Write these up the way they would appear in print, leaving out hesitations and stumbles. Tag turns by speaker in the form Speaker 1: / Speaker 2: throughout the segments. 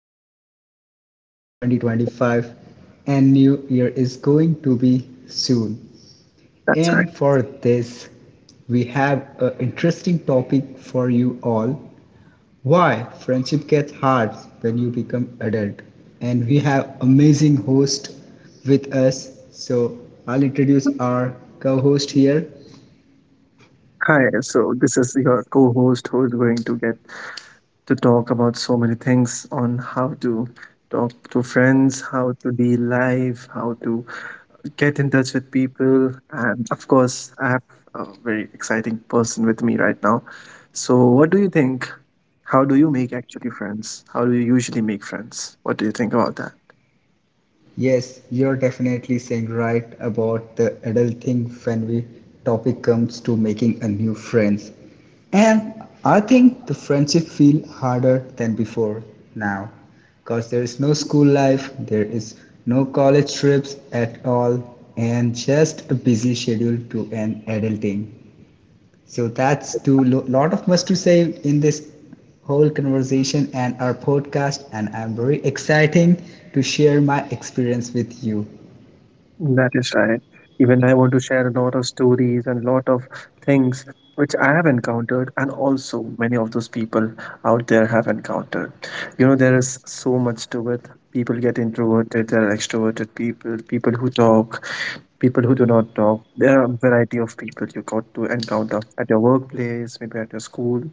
Speaker 1: already end of 2025 and new year is going to be soon.
Speaker 2: That's right.
Speaker 1: And for this, we have an interesting topic for you all. Why friendship gets hard when you become adult. And we have amazing host with us. So I'll introduce our co-host here.
Speaker 2: Hi, so this is your co host who is going to get to talk about so many things on how to talk to friends, how to be live, how to get in touch with people. And of course, I have a very exciting person with me right now. So, what do you think? How do you make actually friends? How do you usually make friends? What do you think about that?
Speaker 1: Yes, you're definitely saying right about the adult thing when we topic comes to making a new friends. And I think the friendship feel harder than before now because there is no school life, there is no college trips at all and just a busy schedule to an adulting. So that's too lot of much to say in this whole conversation and our podcast, and I'm very exciting to share my experience with you.
Speaker 2: That is right. Even I want to share a lot of stories and lot of things which I have encountered, and also many of those people out there have encountered. You know, there is so much to it. People get introverted, there are extroverted people, people who talk, people who do not talk. There are a variety of people you got to encounter at your workplace, maybe at your school,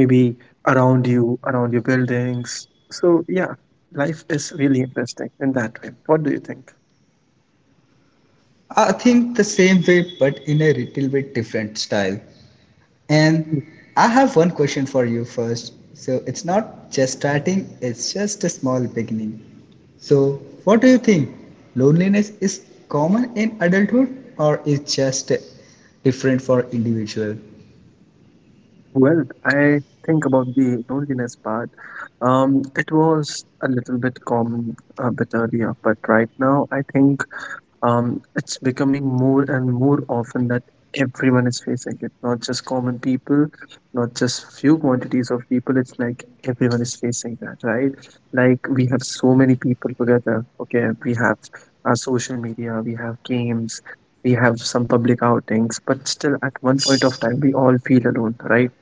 Speaker 2: maybe around you, around your buildings. So, yeah, life is really interesting in that way. What do you think?
Speaker 1: I think the same way, but in a little bit different style. And I have one question for you first. So it's not just starting; it's just a small beginning. So, what do you think? Loneliness is common in adulthood, or is just different for individual?
Speaker 2: Well, I think about the loneliness part. It was a little bit common a bit earlier, but right now I think it's becoming more and more often that everyone is facing it. Not just common people, not just few quantities of people. It's like everyone is facing that, right? Like we have so many people together. Okay, we have our social media, we have games, we have some public outings, but still at one point of time we all feel alone, right?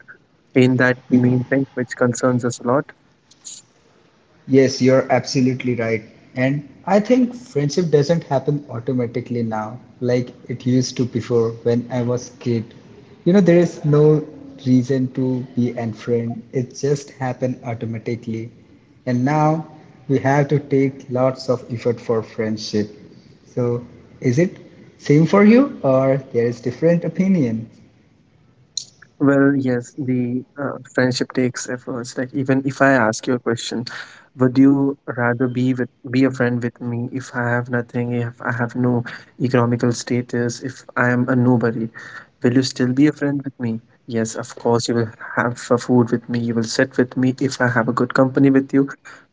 Speaker 2: In that the main thing which concerns us a lot.
Speaker 1: Yes, you're absolutely right. And I think friendship doesn't happen automatically now like it used to before when I was kid. You know, there is no reason to be an friend. It just happened automatically. And now we have to take lots of effort for friendship. So, is it same for you or there is different opinion?
Speaker 2: Well, yes, the friendship takes efforts. Like even if I ask you a question, would you rather be a friend with me if I have nothing, if I have no economical status, if I am a nobody? Will you still be a friend with me? Yes, of course, you will have food with me, you will sit with me if I have a good company with you.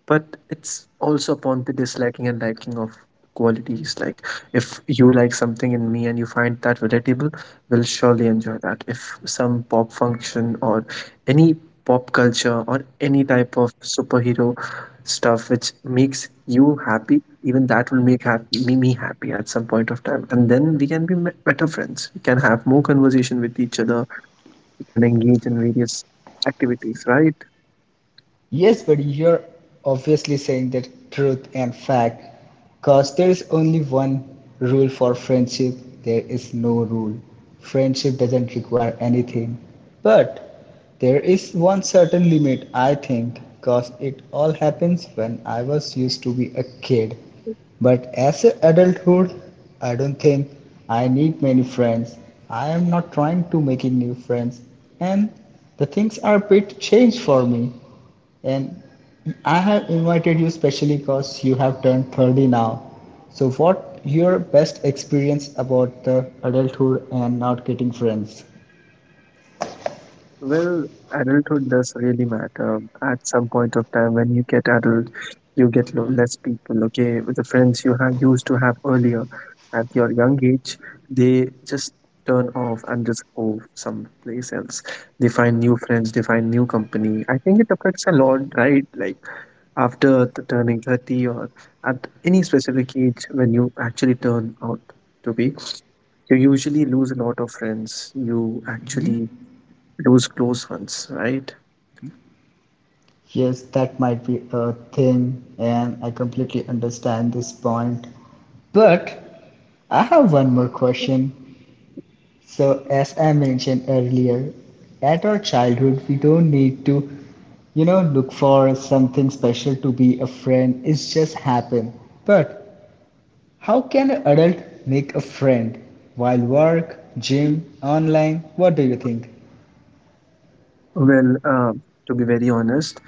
Speaker 2: But it's also upon the disliking and liking of qualities. Like if you like something in me and you find that relatable will surely enjoy that. If some pop function or any pop culture or any type of superhero stuff which makes you happy, even that will make happy, me happy at some point of time. And then we can be better friends. We can have more conversation with each other. We can engage in various activities, right?
Speaker 1: Yes, but you're obviously saying the truth and fact because there is only one rule for friendship. There is no rule. Friendship doesn't require anything. But there is one certain limit, I think, because it all happens when I was used to be a kid. But as an adulthood, I don't think I need many friends. I am not trying to making new friends, and the things are a bit changed for me. And I have invited you specially because you have turned 30 now. So, what your best experience about the adulthood and not getting friends?
Speaker 2: Well, adulthood does really matter. At some point of time, when you get adult, you get less people, okay, with the friends you have used to have earlier. At your young age, they just turn off and just go someplace else. They find new friends, they find new company. I think it affects a lot, right? Like after turning 30 or at any specific age when you actually turn out to be, you usually lose a lot of friends. You actually those close ones, right?
Speaker 1: Yes, that might be a thing, and I completely understand this point. But I have one more question. So, as I mentioned earlier, at our childhood, we don't need to, you know, look for something special to be a friend. It's just happen. But how can an adult make a friend while work, gym, online? What do you think?
Speaker 2: Well, to be very honest,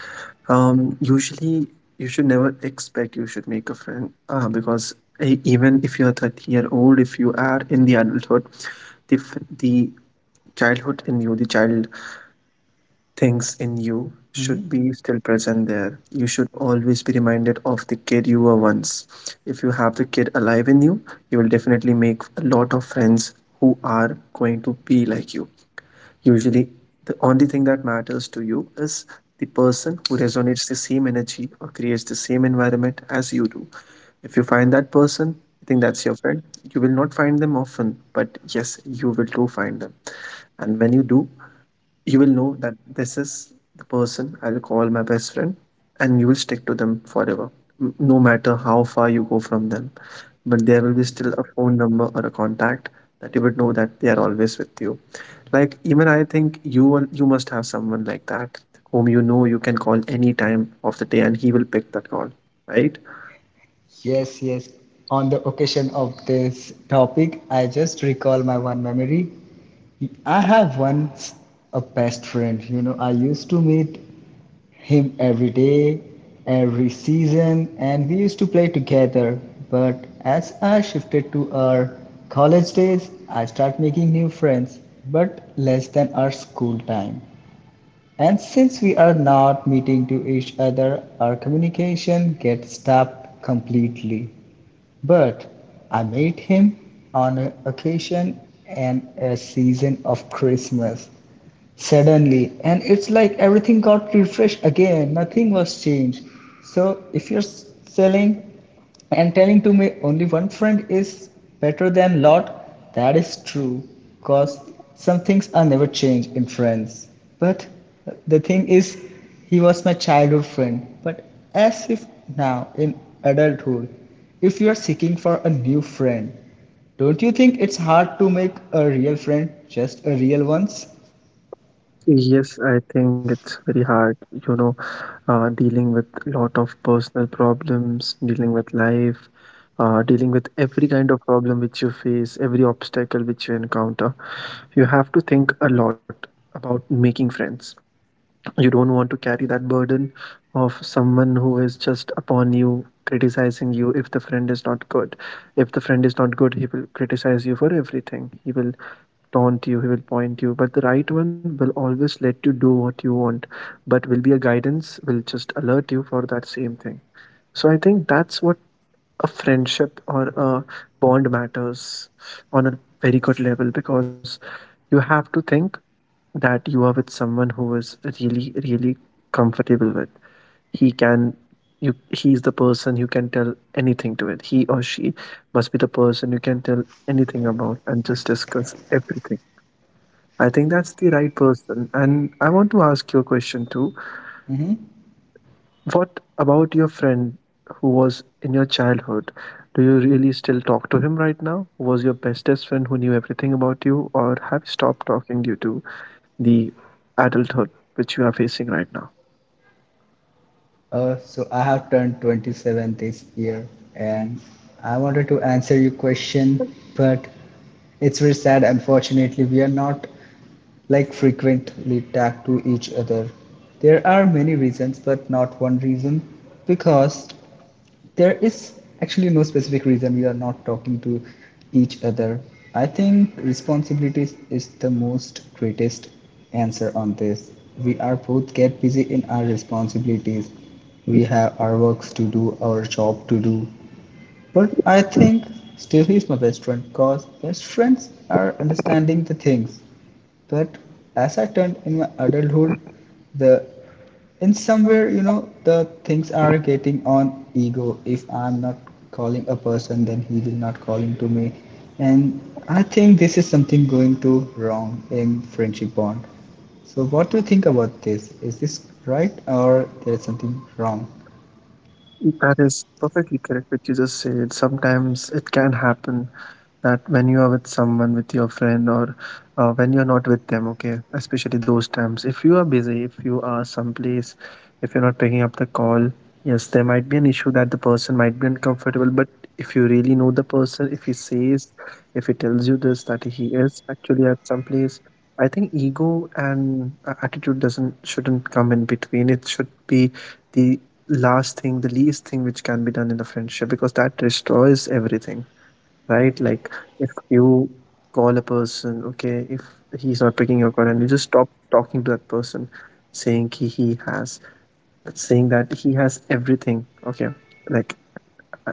Speaker 2: usually you should never expect you should make a friend because even if you're 30-year-old, if you are in the adulthood, the childhood in you, the child things in you
Speaker 1: Hmm.
Speaker 2: should be still present there. You should always be reminded of the kid you were once. If you have the kid alive in you, you will definitely make a lot of friends who are going to be like you. Usually, the only thing that matters to you is the person who resonates the same energy or creates the same environment as you do. If you find that person, I think that's your friend. You will not find them often, but yes, you will do find them. And when you do, you will know that this is the person I'll call my best friend, and you will stick to them forever, no matter how far you go from them. But there will be still a phone number or a contact that you would know that they are always with you. Like even I think you must have someone like that whom you know you can call any time of the day, and he will pick that call, right?
Speaker 1: Yes, yes. On the occasion of this topic, I just recall my one memory. I have once a best friend. You know, I used to meet him every day, every season, and we used to play together. But as I shifted to our college days, I start making new friends, but less than our school time. And since we are not meeting to each other, our communication gets stopped completely. But I met him on an occasion and a season of Christmas suddenly and it's like everything got refreshed again, nothing was changed. So if you're selling and telling to me only one friend is better than lot, that is true because some things are never changed in friends. But the thing is, he was my childhood friend. But as if now in adulthood, if you are seeking for a new friend, don't you think it's hard to make a real friend, just a real ones?
Speaker 2: Yes, I think it's very hard, you know, dealing with lot of personal problems, dealing with life, dealing with every kind of problem which you face, every obstacle which you encounter. You have to think a lot about making friends. You don't want to carry that burden of someone who is just upon you, criticizing you if the friend is not good. If the friend is not good, he will criticize you for everything. He will taunt you, he will point you. But the right one will always let you do what you want, but will be a guidance, will just alert you for that same thing. So I think that's what a friendship or a bond matters on a very good level because you have to think that you are with someone who is really, really comfortable with. He can he's the person you can tell anything to it. He or she must be the person you can tell anything about and just discuss everything. I think that's the right person. And I want to ask you a question too.
Speaker 1: Mhm.
Speaker 2: What about your friend who was in your childhood? Do you really still talk to him right now? Who was your bestest friend who knew everything about you, or have you stopped talking due to the adulthood which you are facing right now?
Speaker 1: So I have turned 27 this year and I wanted to answer your question, but it's very sad. Unfortunately, we are not like frequently tagged to each other. There are many reasons, but not one reason because there is actually no specific reason we are not talking to each other. I think responsibilities is the most greatest answer on this. We are both get busy in our responsibilities. We have our works to do, our job to do, but I think still he's my best friend because best friends are understanding the things. But as I turned in my adulthood, the in somewhere you know the things are getting on ego. If I'm not calling a person, then he will not calling to me, and I think this is something going to wrong in friendship bond. So what do you think about this? Is this right or there is something wrong?
Speaker 2: That is perfectly correct, what you just said. Sometimes it can happen that when you are with someone, with your friend, or when you're not with them, okay, especially those times, if you are busy, if you are someplace, if you're not picking up the call, yes, there might be an issue that the person might be uncomfortable. But if you really know the person, if he says, if he tells you this, that he is actually at some place, I think ego and attitude doesn't shouldn't come in between. It should be the last thing, the least thing which can be done in the friendship because that destroys everything, right? Like if you call a person, okay, if he's not picking your call and you just stop talking to that person, saying saying that he has everything, okay, like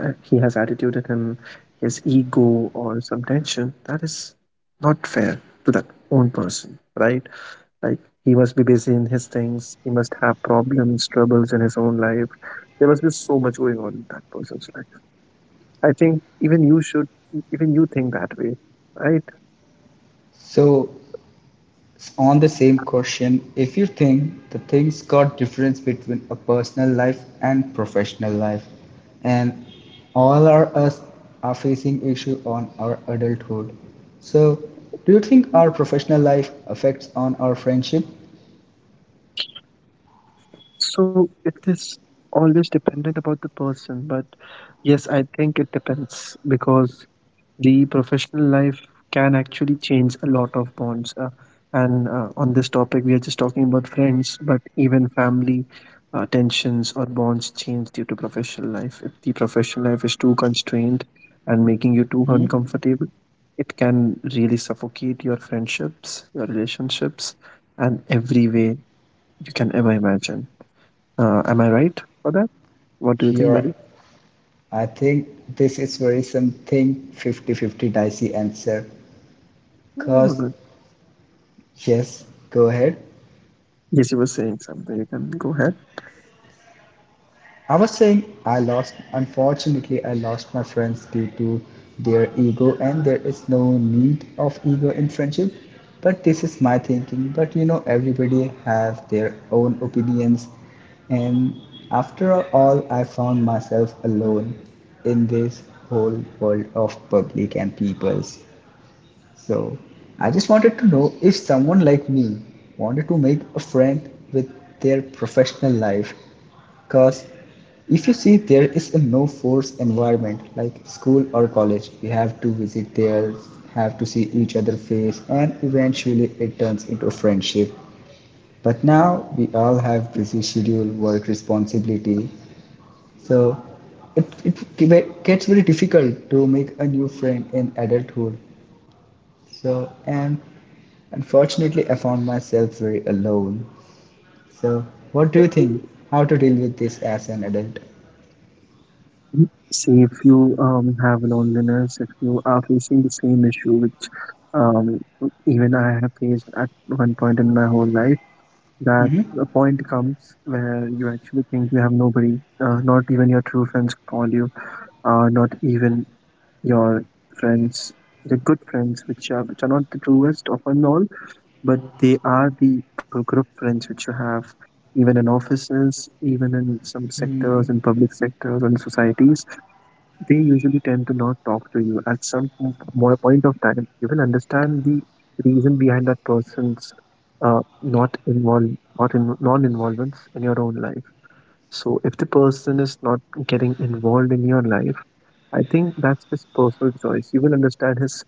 Speaker 2: he has attitude in him, he has ego or some tension, that is not fair to that own person, right? Like he must be busy in his things. He must have problems, troubles in his own life. There must be so much going on in that person's life. I think even you think that way, right?
Speaker 1: So on the same question, if you think the things got difference between a personal life and professional life, and all are us are facing issue on our adulthood, so do you think our professional life affects on our friendship?
Speaker 2: So it is always dependent about the person, but yes, I think it depends because the professional life can actually change a lot of bonds and on this topic we are just talking about friends, but even family tensions or bonds change due to professional life if the professional life is too constrained and making you too
Speaker 1: Mhm.
Speaker 2: uncomfortable. It can really suffocate your friendships, your relationships, and every way you can ever imagine. Am I right for that? What do you think,
Speaker 1: Here
Speaker 2: buddy?
Speaker 1: I think this is very something 50-50 dicey answer.
Speaker 2: Oh,
Speaker 1: Cause
Speaker 2: good.
Speaker 1: yes, go ahead.
Speaker 2: Yes, you were saying something. You can go ahead.
Speaker 1: I was saying I lost, unfortunately, I lost my friends due to their ego, and there is no need of ego in friendship. But this is my thinking. But you know, everybody have their own opinions, and after all, I found myself alone in this whole world of public and peoples. So I just wanted to know if someone like me wanted to make a friend with their professional life, because if you see there is a no force environment like school or college, you have to visit there, have to see each other face, and eventually it turns into a friendship. But now we all have busy schedule, work responsibility, so it gets very difficult to make a new friend in adulthood. So, and unfortunately, I found myself very alone. So, what do you think? How to deal with this as an adult?
Speaker 2: See, if you have loneliness, if you are facing the same issue, which um, even I have faced at one point in my whole life, that
Speaker 1: Hmm.
Speaker 2: a point comes where you actually think you have nobody, not even your true friends call you, not even your friends, the good friends, which are not the truest of and all, but they are the group friends which you have, even in offices, even in some sectors, in
Speaker 1: Hmm.
Speaker 2: public sectors, or in societies. They usually tend to not talk to you at some more point of time. You will understand the reason behind that person's not involved, not in non involvements in your own life. So if the person is not getting involved in your life, I think that's his personal choice. You will understand his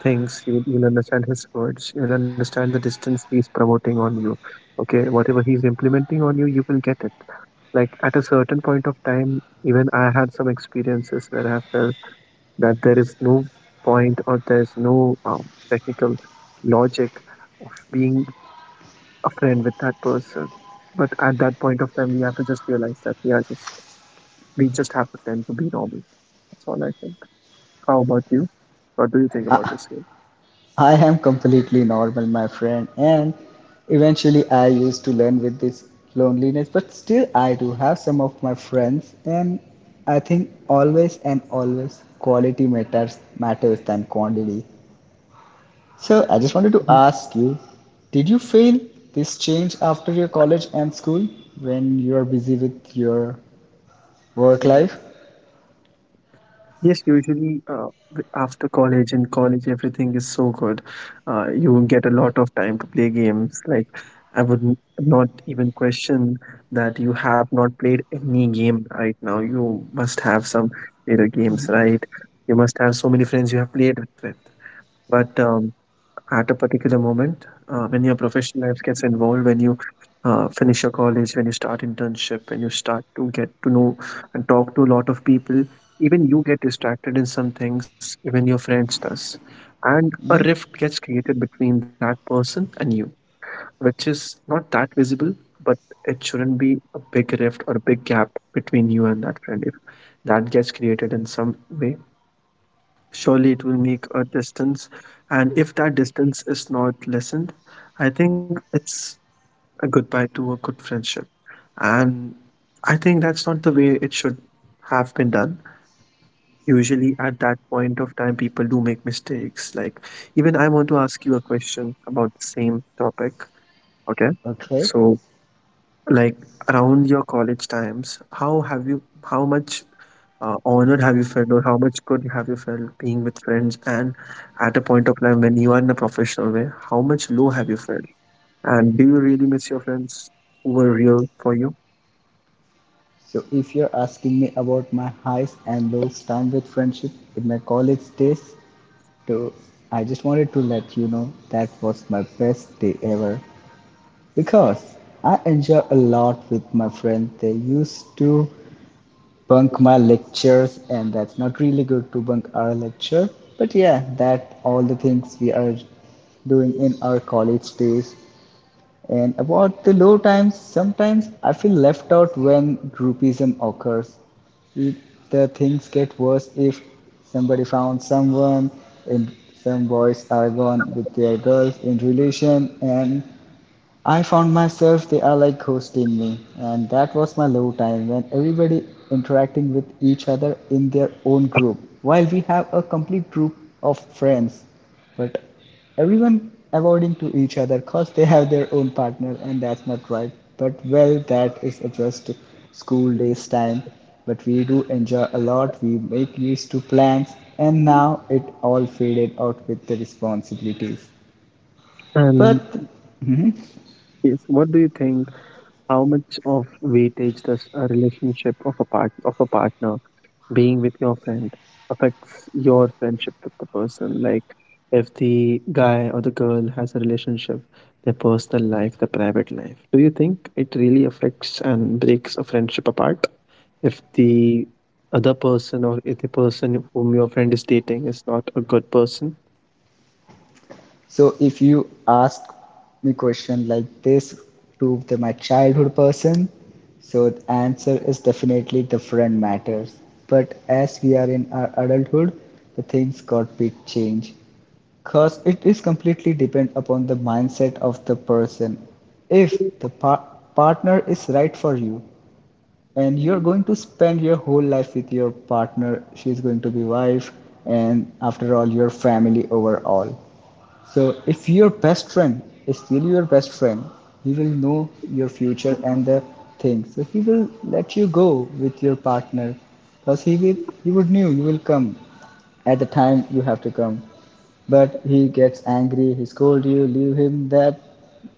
Speaker 2: things, you'll understand his words, you will understand the distance he's promoting on you, okay, whatever he's implementing on you, you will get it. Like at a certain point of time, even I had some experiences where I felt that there is no point, or there is no technical logic of being a friend with that person. But at that point of time, we have to just realize that we just have to tend to be normal. That's all I think. How about you? What do you think about
Speaker 1: I,
Speaker 2: this game?
Speaker 1: I am completely normal, my friend, and eventually I used to learn with this loneliness, but still I do have some of my friends, and I think always and always quality matters than quantity. So I just wanted to
Speaker 2: Mhm.
Speaker 1: ask you, did you feel this change after your college and school when you are busy with your work life?
Speaker 2: Yes, usually after college, in college, everything is so good. You get a lot of time to play games. Like, I would not even question that you have not played any game right now. You must have some later games, right? You must have so many friends you have played with. But at a particular moment when your professional life gets involved, when you finish your college, when you start internship, when you start to get to know and talk to a lot of people, even you get distracted in some things, even your friends does, and a rift gets created between that person and you, which is not that visible. But it shouldn't be a big rift or a big gap between you and that friend. If that gets created in some way, surely it will make a distance. And if that distance is not lessened, I think it's a goodbye to a good friendship. And I think that's not the way it should have been done. Usually at that point of time people do make mistakes. Like, even I want to ask you a question about the same topic, okay?
Speaker 1: Okay.
Speaker 2: So, like, around your college times, how have you, how much honored have you felt, or how much good have you felt being with friends, and at a point of time when you are in a professional way, how much low have you felt, and do you really miss your friends who were real for you?
Speaker 1: So if you're asking me about my highs and lows time with friendship in my college days, so I just wanted to let you know that was my best day ever because I enjoy a lot with my friends. They used to bunk my lectures and that's not really good to bunk our lecture, but yeah, that all the things we are doing in our college days. And about the low times, sometimes I feel left out when groupism occurs. it, the things get worse if somebody found someone and some boys are gone with their girls in relation, and I found myself the allied ghost in me, and that was my low time when everybody interacting with each other in their own group. While we have a complete group of friends, but everyone avoiding to each other because they have their own partner, and that's not right. But well, that is just school days time. But we do enjoy a lot. We make use to plans, and now it all faded out with the responsibilities.
Speaker 2: And
Speaker 1: But Mhm.
Speaker 2: yes, what do you think? How much of weightage does a relationship of a part of a partner being with your friend affects your friendship with the person. Like, if the guy or the girl has a relationship, their personal life, their private life. Do you think it really affects and breaks a friendship apart? If the other person or if the person whom your friend is dating is not a good person?
Speaker 1: So if you ask me question like this to the, my childhood person, so the answer is definitely the friend matters. But as we are in our adulthood, the things got big change. Cause it is completely depend upon the mindset of the person. If the partner is right for you and you're going to spend your whole life with your partner, she's going to be wife and after all your family overall. So if your best friend is still your best friend, he will know your future and the things. So he will let you go with your partner because he would knew you will come at the time you have to come. But he gets angry, he scolds you, leave him that,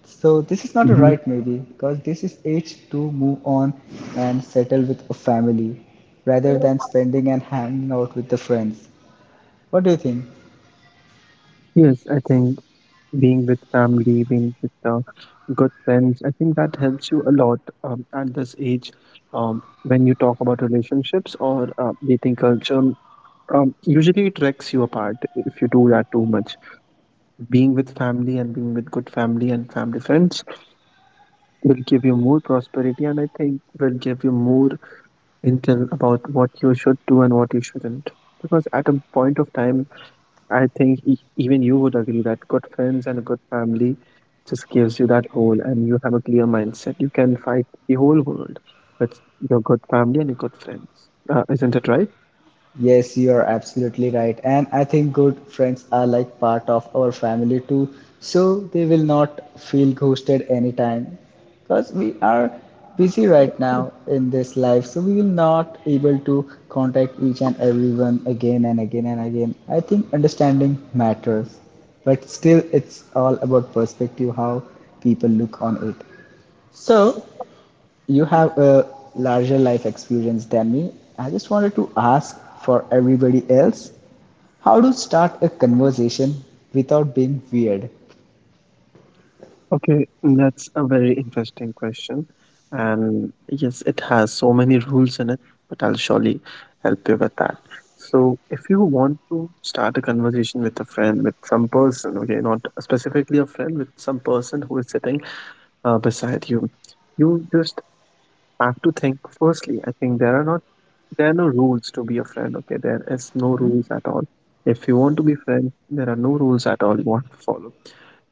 Speaker 1: so this is not a
Speaker 2: Mhm.
Speaker 1: right maybe because this is age to move on and settle with a family rather than spending and hanging out with the friends. What do you think?
Speaker 2: Yes, I think being with family, being with good friends. I think that helps you a lot at this age, when you talk about relationships or dating culture. Usually, it wrecks you apart if you do that too much. Being with family and being with good family and family friends will give you more prosperity, and I think will give you more intel about what you should do and what you shouldn't. Because at a point of time, I think even you would agree that good friends and a good family just gives you that whole, and you have a clear mindset. You can fight the whole world with your good family and your good friends. Isn't it right?
Speaker 1: Yes, you are absolutely right. And I think good friends are like part of our family too. So they will not feel ghosted anytime because we are busy right now in this life. So we will not able to contact each and everyone again and again and again. I think understanding matters, but still it's all about perspective, how people look on it. So you have a larger life experience than me. I just wanted to ask for everybody else, how to start a conversation without being weird.
Speaker 2: Okay, that's a very interesting question. And yes, it has so many rules in it, but I'll surely help you with that. So, if you want to start a conversation with a friend, with some person, okay, not specifically a friend, with some person who is sitting beside you, you just have to think firstly. I think there are no rules to be a friend, okay? There is no rules at all. If you want to be friend, there are no rules at all you want to follow.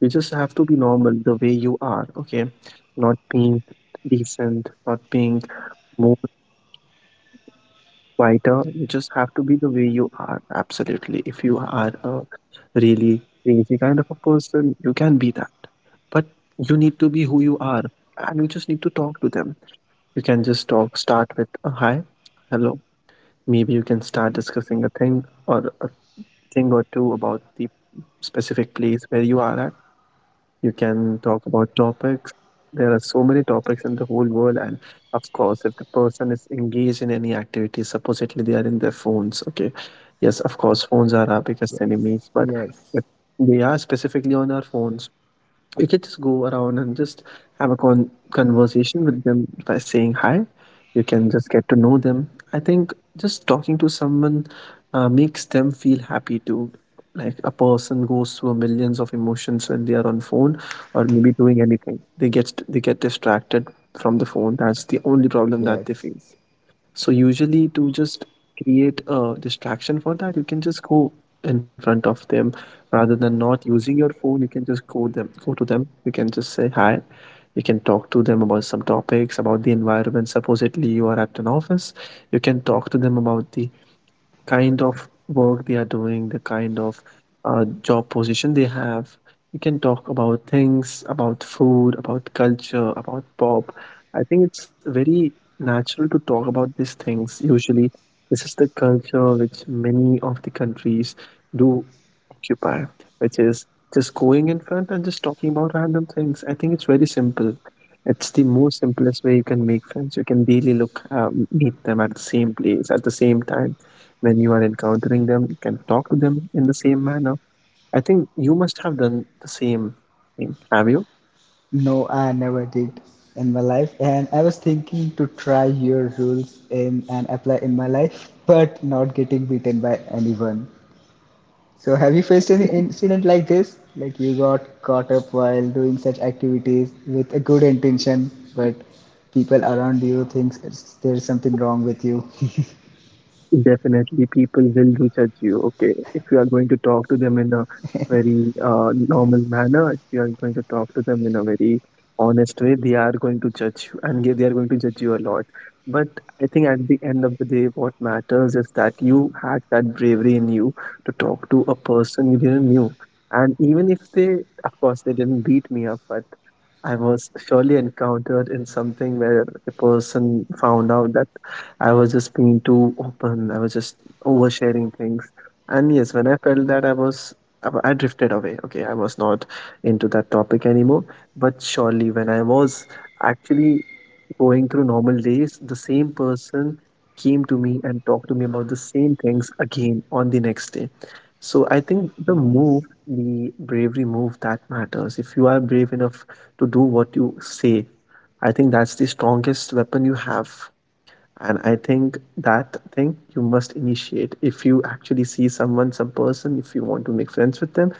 Speaker 2: You just have to be normal the way you are, okay? Not being decent, not being more quieter. You just have to be the way you are, absolutely. If you are a really crazy kind of a person, you can be that. But you need to be who you are, and you just need to talk to them. You can just talk, start with a hi, hello. Maybe you can start discussing a thing or two about the specific place where you are at. You can talk about topics. There are so many topics in the whole world, and of course, if the person is engaged in any activity, supposedly they are in their phones. Okay, yes, of course, phones are our biggest
Speaker 1: Yes,
Speaker 2: enemies, but if
Speaker 1: yes,
Speaker 2: they are specifically on our phones, you can just go around and just have a conversation with them by saying hi. You can just get to know them. I think just talking to someone makes them feel happy too. Like, a person goes through millions of emotions when they are on phone or maybe doing anything. They get distracted from the phone. That's the only problem that they
Speaker 1: yes.
Speaker 2: face. So usually, to just create a distraction for that, you can just go in front of them rather than not using your phone. You can just go them, go to them. You can just say hi. You can talk to them about some topics about the environment. Supposedly you are at an office. You can talk to them about the kind of work they are doing, the kind of job position they have. You can talk about things, about food, about culture, about pop. I think it's very natural to talk about these things. Usually, this is the culture which many of the countries do occupy, which is just going in front and just talking about random things. I think it's very simple. It's the most simplest way you can make friends. You can daily look, meet them at the same place, at the same time. When you are encountering them, you can talk to them in the same manner. I think you must have done the same thing. Have you?
Speaker 1: No, I never did in my life, and I was thinking to try your rules in and apply in my life, but not getting beaten by anyone. So, have you faced any incident like this? Like you got caught up while doing such activities with a good intention, but people around you thinks it's, there's something wrong with you.
Speaker 2: Definitely, people will do judge you. Okay, if you are going to talk to them in a very normal manner, if you are going to talk to them in a very honest way, they are going to judge you, and they are going to judge you a lot. But I think at the end of the day, what matters is that you had that bravery in you to talk to a person you didn't knew. And even if they, of course, they didn't beat me up, but I was surely encountered in something where the person found out that I was just being too open. I was just oversharing things. And yes, when I felt that I was, I drifted away. Okay, I was not into that topic anymore. But surely, when I was actually going through normal days, the same person came to me and talked to me about the same things again on the next day. So I think the
Speaker 1: Nice.
Speaker 2: move, the bravery move that matters. If you are brave enough to do what you say, I think that's the strongest weapon you have. And I think that thing you must initiate. If you actually see someone, some person, if you want to make friends with them,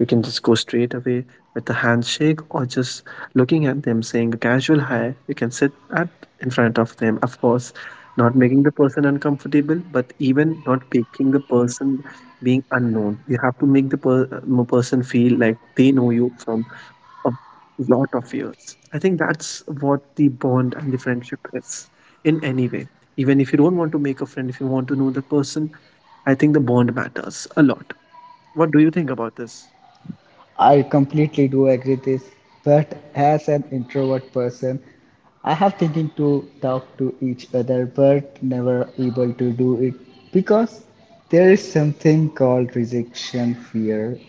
Speaker 2: you can just go straight away with a handshake or just looking at them, saying a casual hi. You can sit at in front of them, of course, not making the person uncomfortable, but even not making the person being unknown. You have to make the person feel like they know you from a lot of years. I think that's what the bond and the friendship is in any way. Even if you don't want to make a friend, if you want to know the person, I think the bond matters a lot. What do you think about this?
Speaker 1: I completely do agree this, but as an introvert person, I have thinking to talk to each other, but never able to do it because there is something called rejection fear.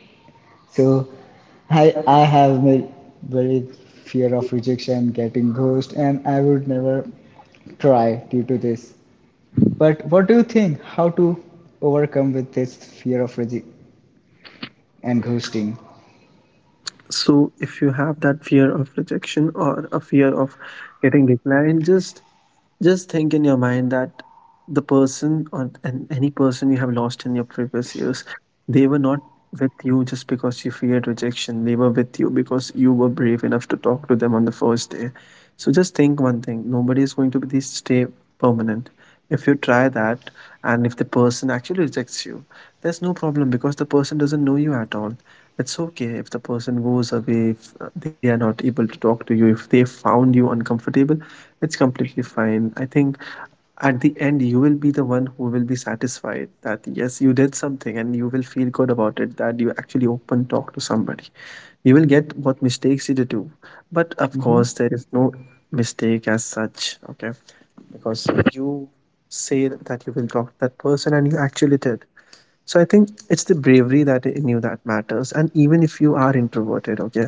Speaker 1: So I have a very fear of rejection, getting ghost, and I would never try due to this. But what do you think? How to overcome with this fear of rejection and ghosting?
Speaker 2: So, if you have that fear of rejection or a fear of getting declined, just think in your mind that the person or and any person you have lost in your previous years, they were not with you just because you feared rejection. They were with you because you were brave enough to talk to them on the first day. So just think one thing, nobody is going to be stay permanent. If you try that and if the person actually rejects you, there's no problem because the person doesn't know you at all. It's okay if the person goes away, if they are not able to talk to you, if they found you uncomfortable, it's completely fine. I think at the end, you will be the one who will be satisfied that yes, you did something, and you will feel good about it that you actually open talk to somebody. You will get what mistakes you did do. But of
Speaker 1: Hmm.
Speaker 2: course, there is no mistake as such, okay? Because you say that you will talk to that person and you actually did. So I think it's the bravery that in you that matters. And even if you are introverted, okay,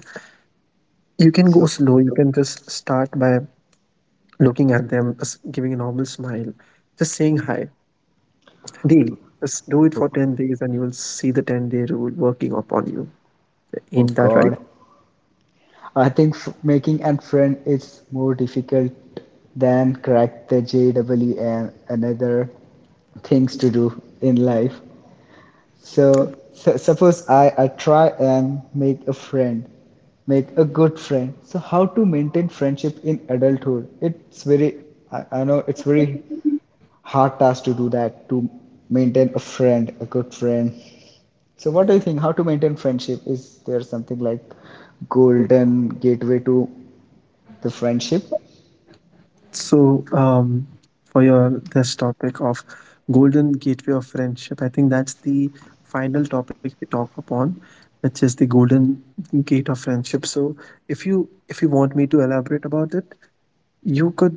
Speaker 2: you can go
Speaker 1: So,
Speaker 2: slow. You can just start by looking at them, giving a normal smile, just saying hi daily. Just do it for 10 days and you will see the 10-day rule working upon you.
Speaker 1: oh
Speaker 2: Ain't that right?
Speaker 1: God, I think making a friend is more difficult than crack the JWM and another things to do in life. So, suppose I try and make a friend, make a good friend. So how to maintain friendship in adulthood? It's very, I know it's very hard task to do that, to maintain a friend, a good friend. So what do you think? How to maintain friendship? Is there something like golden gateway to the friendship?
Speaker 2: So, for your this topic of golden gateway of friendship, I think that's the final topic we talk upon, which is the golden gate of friendship. So, if you want me to elaborate about it, you could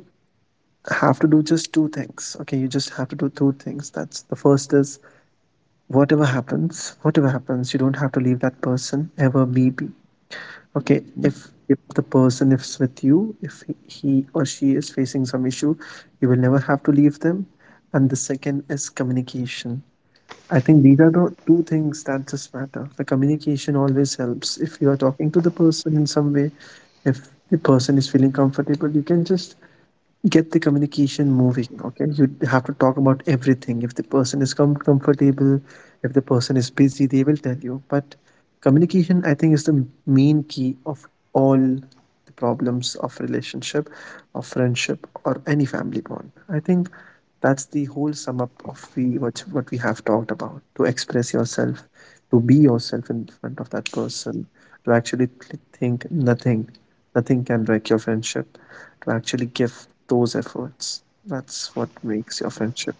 Speaker 2: have to do just two things. Okay, you just have to do two things. That's the first is, whatever happens, whatever happens, you don't have to leave that person ever, maybe. Okay, if the person is with you, if he or she is facing some issue, you will never have to leave them. And the second is communication. I think these are the two things that just matter. The communication always helps. If you are talking to the person in some way, if the person is feeling comfortable, you can just get the communication moving. Okay, you have to talk about everything. If the person is comfortable, if the person is busy, they will tell you. But communication, I think, is the main key of all the problems of relationship, of friendship, or any family bond. I think that's the whole sum up of we what we have talked about: to express yourself, to be yourself in front of that person, to actually think nothing, nothing can break your friendship, to actually give those efforts. That's what makes your friendship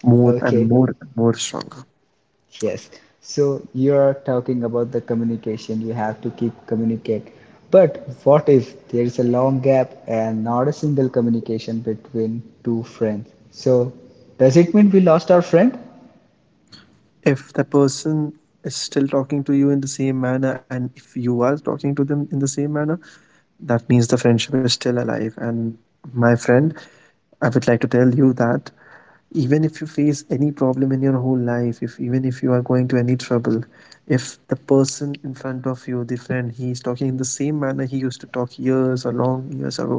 Speaker 2: more and
Speaker 1: Okay.
Speaker 2: more and more stronger.
Speaker 1: Yes. So you're talking about the communication. You have to keep communicate. But what if there is a long gap and not a single communication between two friends? So does it mean we lost our friend?
Speaker 2: If the person is still talking to you in the same manner, and if you are talking to them in the same manner, that means the friendship is still alive. And, my friend, I would like to tell you that even if you face any problem in your whole life, if even if you are going to any trouble, if the person in front of you, the friend, he is talking in the same manner he used to talk years or long years ago,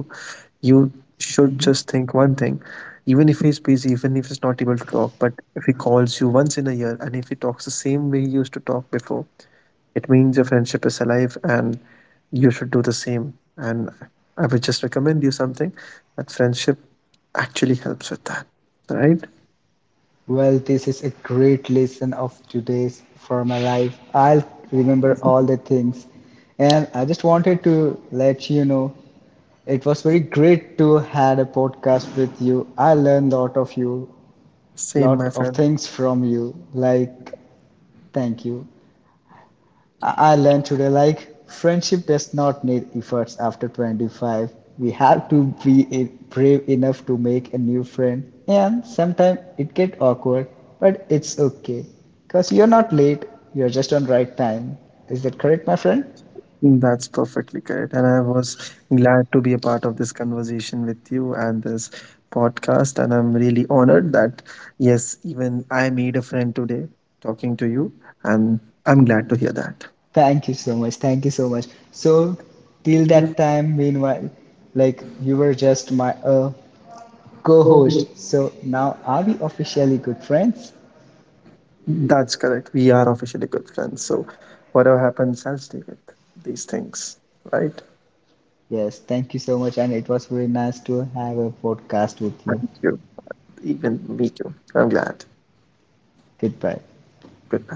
Speaker 2: you should just think one thing, even if he's busy, even if he's not able to talk, but if he calls you once in a year and if he talks the same way he used to talk before, it means your friendship is alive. And you should do the same. And I would just recommend you something, that friendship actually helps with that, right?
Speaker 1: Well, this is a great lesson of today's for my life. I'll remember all the things. And I just wanted to let you know it was very great to had a podcast with you. I learned a lot of you,
Speaker 2: Same, my
Speaker 1: lot of
Speaker 2: friend.
Speaker 1: things from you, like thank you. I learned today like friendship does not need efforts after 25. We have to be brave enough to make a new friend, and sometimes it get awkward, but it's okay because you're not late, you're just on right time. Is that correct, my friend?
Speaker 2: That's perfectly correct. And I was glad to be a part of this conversation with you and this podcast. And I'm really honored that, yes, even I made a friend today talking to you. And I'm glad to hear that.
Speaker 1: Thank you so much, thank you so much. So till that time, meanwhile, like you were just my a co host. So now are we officially good friends?
Speaker 2: That's correct. We are officially good friends. So whatever happens, I'll stay with these things. Right?
Speaker 1: Yes, thank you so much. And it was very nice to have a podcast with
Speaker 2: Thank
Speaker 1: you.
Speaker 2: you. Even me too. I'm glad.
Speaker 1: Goodbye.
Speaker 2: Good.